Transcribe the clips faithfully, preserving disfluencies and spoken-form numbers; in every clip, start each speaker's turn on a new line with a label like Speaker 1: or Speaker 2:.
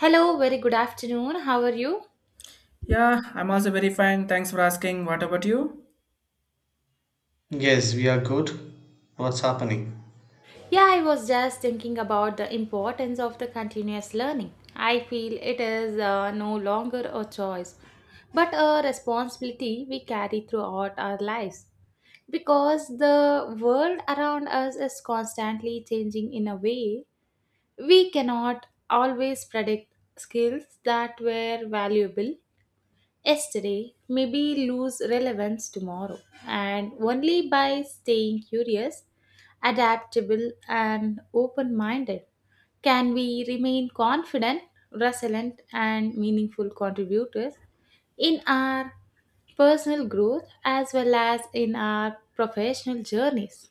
Speaker 1: Hello, very good afternoon. How are you?
Speaker 2: Yeah, I'm also very fine. Thanks for asking. What about you?
Speaker 3: Yes, we are good. What's happening?
Speaker 1: Yeah, I was just thinking about the importance of the continuous learning. I feel it is uh, no longer a choice, but a responsibility we carry throughout our lives because the world around us is constantly changing in a way we cannot always predict skills that were valuable yesterday maybe lose relevance tomorrow, and only by staying curious, adaptable, and open minded can we remain confident, resilient, and meaningful contributors in our personal growth as well as in our professional journeys.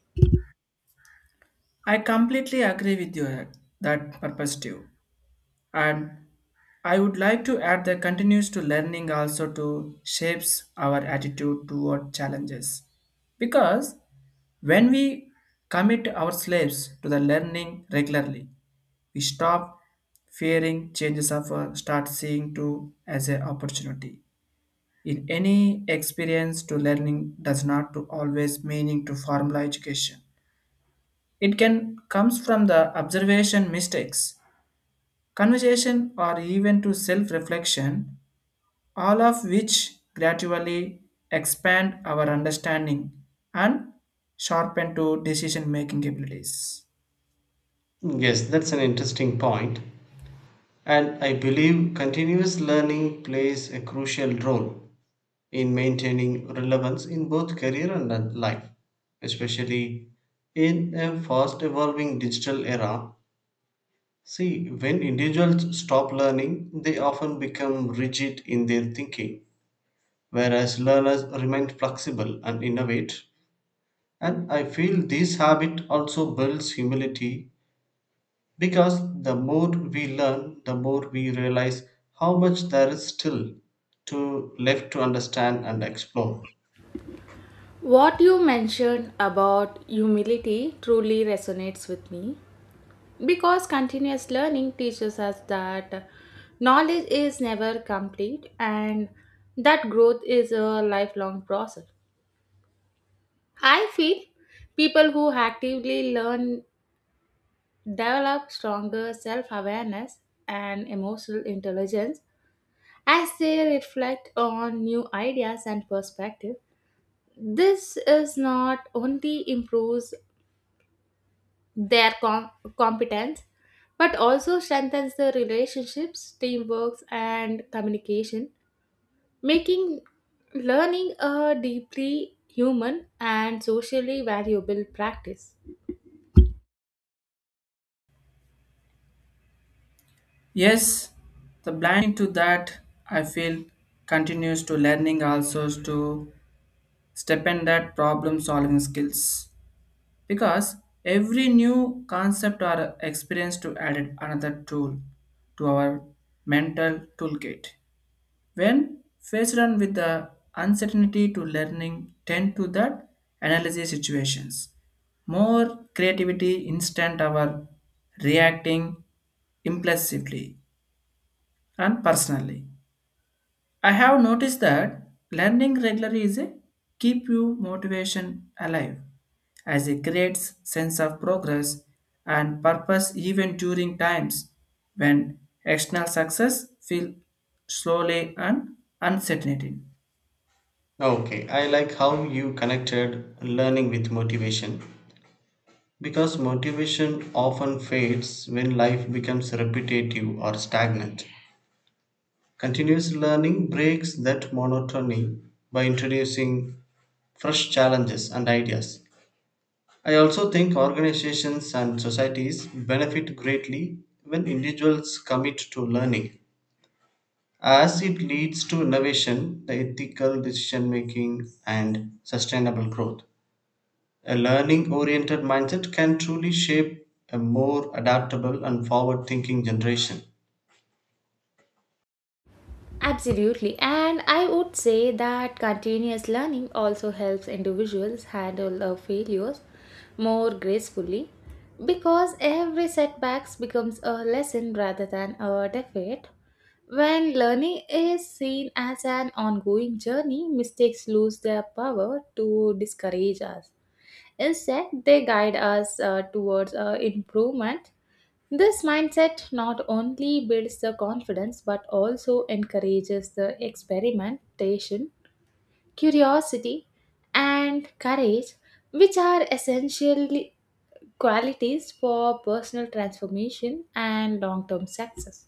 Speaker 2: I completely agree with you uh, that perspective. And I would like to add that continues to learning also to shapes our attitude toward challenges. Because when we commit our slaves to the learning regularly, we stop fearing changes of uh, start seeing to as an opportunity. In any experience to learning does not to always meaning to formal education. It can comes from the observation mistakes, conversation or even to self-reflection, all of which gradually expand our understanding and sharpen to decision-making abilities.
Speaker 3: Yes, that's an interesting point. And I believe continuous learning plays a crucial role in maintaining relevance in both career and uh, life, especially in a fast evolving digital era. See, when individuals stop learning, they often become rigid in their thinking, whereas learners remain flexible and innovate. And I feel this habit also builds humility, because the more we learn, the more we realize how much there is still to left to understand and explore.
Speaker 1: What you mentioned about humility truly resonates with me because continuous learning teaches us that knowledge is never complete and that growth is a lifelong process. I feel people who actively learn develop stronger self awareness and emotional intelligence as they reflect on new ideas and perspectives. This is not only improves their com- competence but also strengthens the relationships teamwork and communication making learning a deeply human and socially valuable practice.
Speaker 2: Yes, the blind to that I feel continues to learning also to step in that problem solving skills because every new concept or experience to add another tool to our mental toolkit when faced on with the uncertainty to learning tend to that analysis situations more creativity instant our reacting impulsively and personally I have noticed that learning regularly is a keep you motivation alive as it creates sense of progress and purpose even during times when external success feel slowly and uncertain.
Speaker 3: Okay, I like how you connected learning with motivation because motivation often fades when life becomes repetitive or stagnant. Continuous learning breaks that monotony by introducing fresh challenges and ideas. I also think organizations and societies benefit greatly when individuals commit to learning, as it leads to innovation, the ethical decision making, and sustainable growth. A learning oriented mindset can truly shape a more adaptable and forward thinking generation.
Speaker 1: Absolutely. And I would say that continuous learning also helps individuals handle their failures more gracefully because every setbacks becomes a lesson rather than a defeat. When learning is seen as an ongoing journey, mistakes lose their power to discourage us. Instead, they guide us uh, towards uh, improvement. This mindset not only builds the confidence but also encourages the experimentation, curiosity, and courage, which are essential qualities for personal transformation and long term success.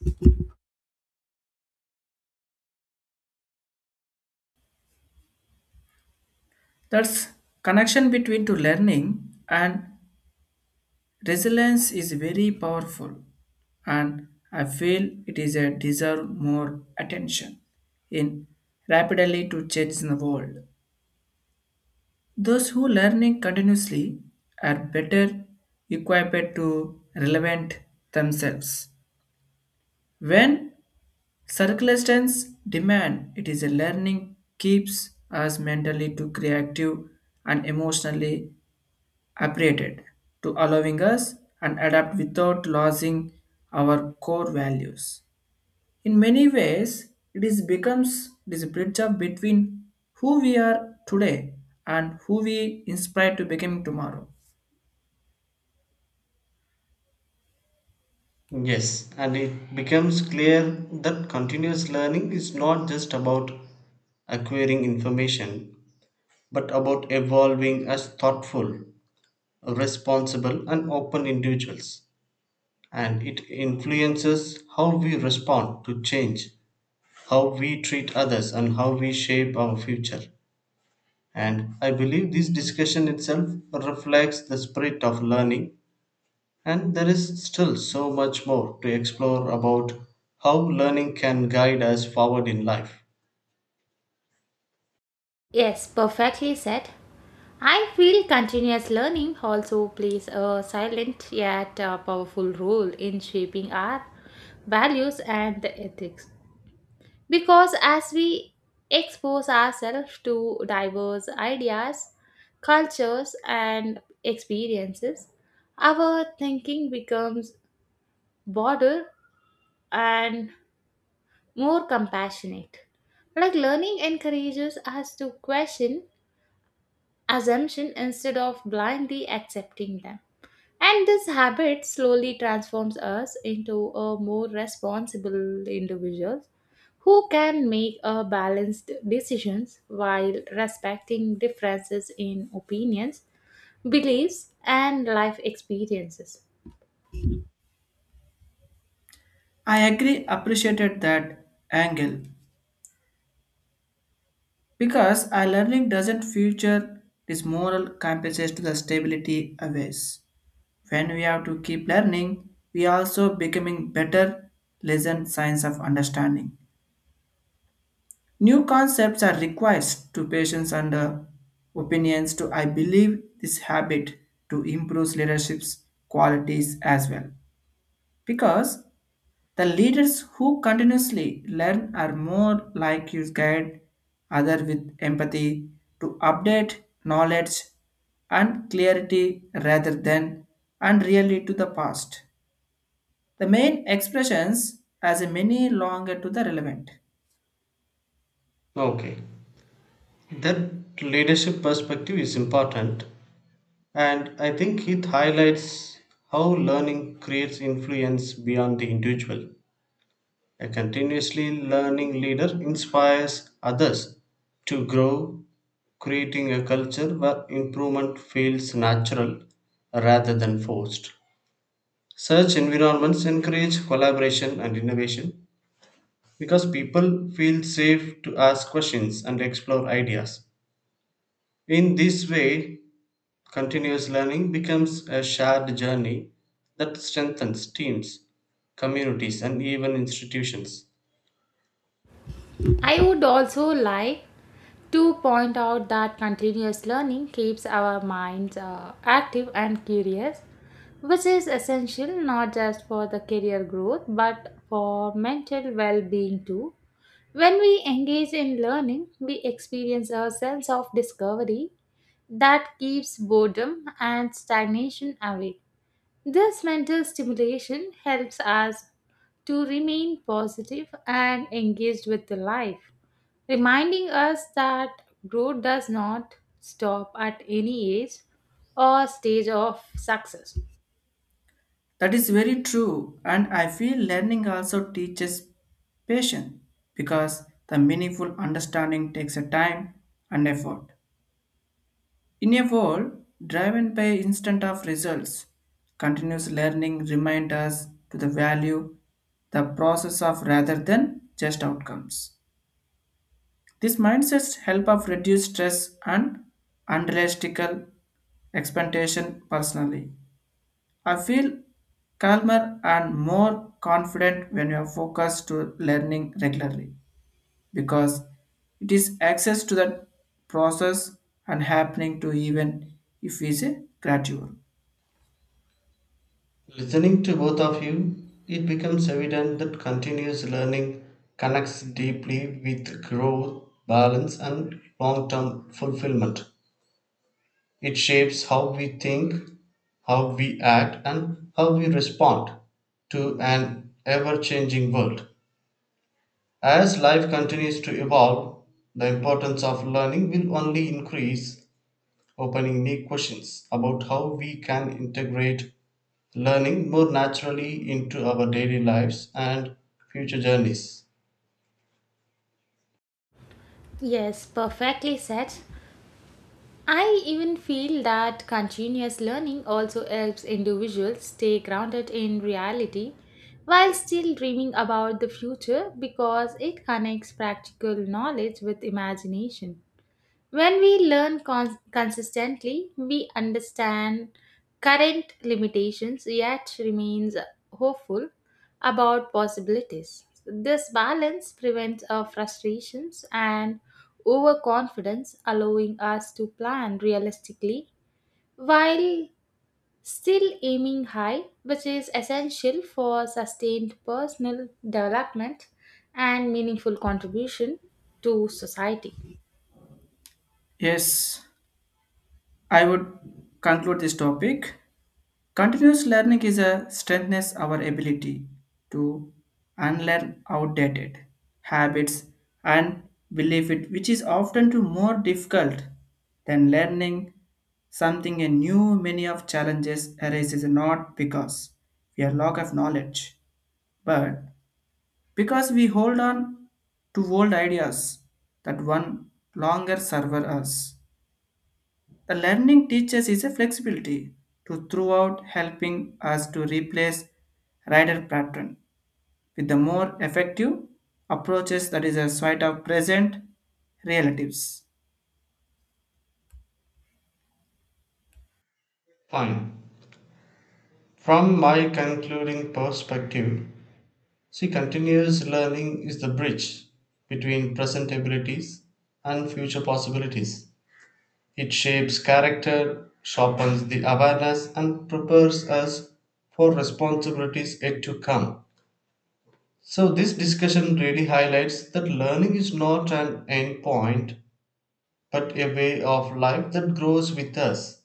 Speaker 2: That's connection between to learning and resilience is very powerful and I feel it is a deserve more attention in rapidly to change in the world. Those who learning continuously are better equipped to relevant themselves. When circumstances demand, it is a learning keeps us mentally to creative and emotionally operated to allowing us and adapt without losing our core values. In many ways, it is becomes it is a bridge of between who we are today and who we inspire to become tomorrow.
Speaker 3: Yes, and it becomes clear that continuous learning is not just about acquiring information, but about evolving as thoughtful responsible, and open individuals, and it influences how we respond to change, how we treat others, and how we shape our future. And I believe this discussion itself reflects the spirit of learning, and there is still so much more to explore about how learning can guide us forward in life.
Speaker 1: Yes, perfectly said. I feel continuous learning also plays a silent yet uh, powerful role in shaping our values and ethics. Because as we expose ourselves to diverse ideas, cultures, and experiences, our thinking becomes broader and more compassionate. Like learning encourages us to question assumption instead of blindly accepting them. And this habit slowly transforms us into a more responsible individuals who can make a balanced decisions while respecting differences in opinions, beliefs and life experiences.
Speaker 2: I agree appreciated that angle because our learning doesn't future this moral compass to the stability aways. When we have to keep learning, we also becoming better lesson science of understanding. New concepts are required to patients and uh, opinions to I believe this habit to improve leadership's qualities as well. Because the leaders who continuously learn are more like you guide others with empathy to update knowledge and clarity rather than and really to the past. The main expressions as a many longer to the relevant.
Speaker 3: Okay, that leadership perspective is important, and I think it highlights how learning creates influence beyond the individual. A continuously learning leader inspires others to grow, creating a culture where improvement feels natural rather than forced. Such environments encourage collaboration and innovation because people feel safe to ask questions and explore ideas. In this way, continuous learning becomes a shared journey that strengthens teams, communities, and even institutions.
Speaker 1: I would also like to point out that continuous learning keeps our minds uh, active and curious, which is essential not just for the career growth but for mental well being too. When we engage in learning, we experience a sense of discovery that keeps boredom and stagnation away. This mental stimulation helps us to remain positive and engaged with the life, reminding us that growth does not stop at any age or stage of success.
Speaker 2: That is very true, and I feel learning also teaches patience because the meaningful understanding takes a time and effort. In a world driven by instant of results, continuous learning reminds us to the value the process of rather than just outcomes. This mindsets help of reduce stress and unrealistic expectation personally. I feel calmer and more confident when you are focused to learning regularly because it is access to that process and happening to even if it is a gradual.
Speaker 3: Listening to both of you, it becomes evident that continuous learning connects deeply with growth, balance, and long term fulfillment. It shapes how we think, how we act, and how we respond to an ever changing world. As life continues to evolve, the importance of learning will only increase, opening new questions about how we can integrate learning more naturally into our daily lives and future journeys.
Speaker 1: Yes, perfectly said. I even feel that continuous learning also helps individuals stay grounded in reality while still dreaming about the future because it connects practical knowledge with imagination. When we learn cons- consistently, we understand current limitations yet remains hopeful about possibilities. This balance prevents our frustrations and overconfidence, allowing us to plan realistically while still aiming high, which is essential for sustained personal development and meaningful contribution to society.
Speaker 2: Yes, I would conclude this topic. Continuous learning is a strengthens our ability to unlearn outdated habits and belief it, which is often to more difficult than learning something new. Many of challenges arises not because we are lack of knowledge, but because we hold on to old ideas that one longer serve us. The learning teaches is a flexibility to throughout helping us to replace rider pattern with the more effective approaches that is a sort of present relatives.
Speaker 3: Fine. From my concluding perspective, see, continuous learning is the bridge between present abilities and future possibilities. It shapes character, sharpens the awareness, and prepares us for responsibilities yet to come. So, this discussion really highlights that learning is not an end point but a way of life that grows with us.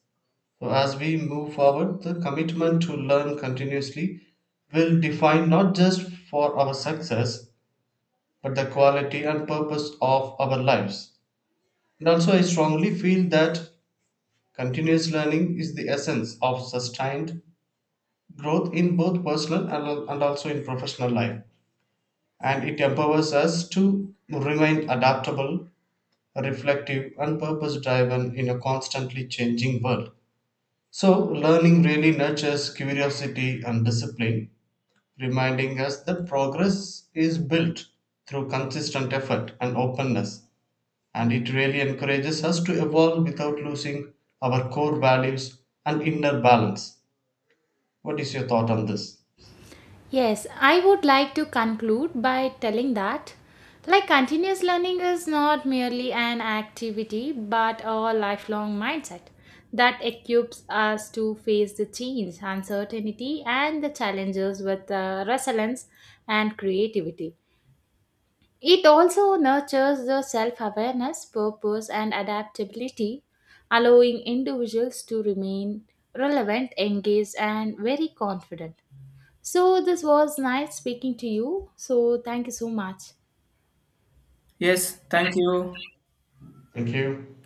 Speaker 3: So, as we move forward, the commitment to learn continuously will define not just for our success but the quality and purpose of our lives. And also, I strongly feel that continuous learning is the essence of sustained growth in both personal and, and also in professional life, and it empowers us to remain adaptable, reflective, and purpose driven in a constantly changing world. So, learning really nurtures curiosity and discipline, reminding us that progress is built through consistent effort and openness, and it really encourages us to evolve without losing our core values and inner balance. What is your thought on this?
Speaker 1: Yes, I would like to conclude by telling that like continuous learning is not merely an activity but a lifelong mindset that equips us to face the change, uncertainty and the challenges with uh, resilience and creativity. It also nurtures the self-awareness, purpose and adaptability, allowing individuals to remain relevant, engaged and very confident. So, this was nice speaking to you. So, thank you so much.
Speaker 2: Yes, thank you.
Speaker 3: Thank you.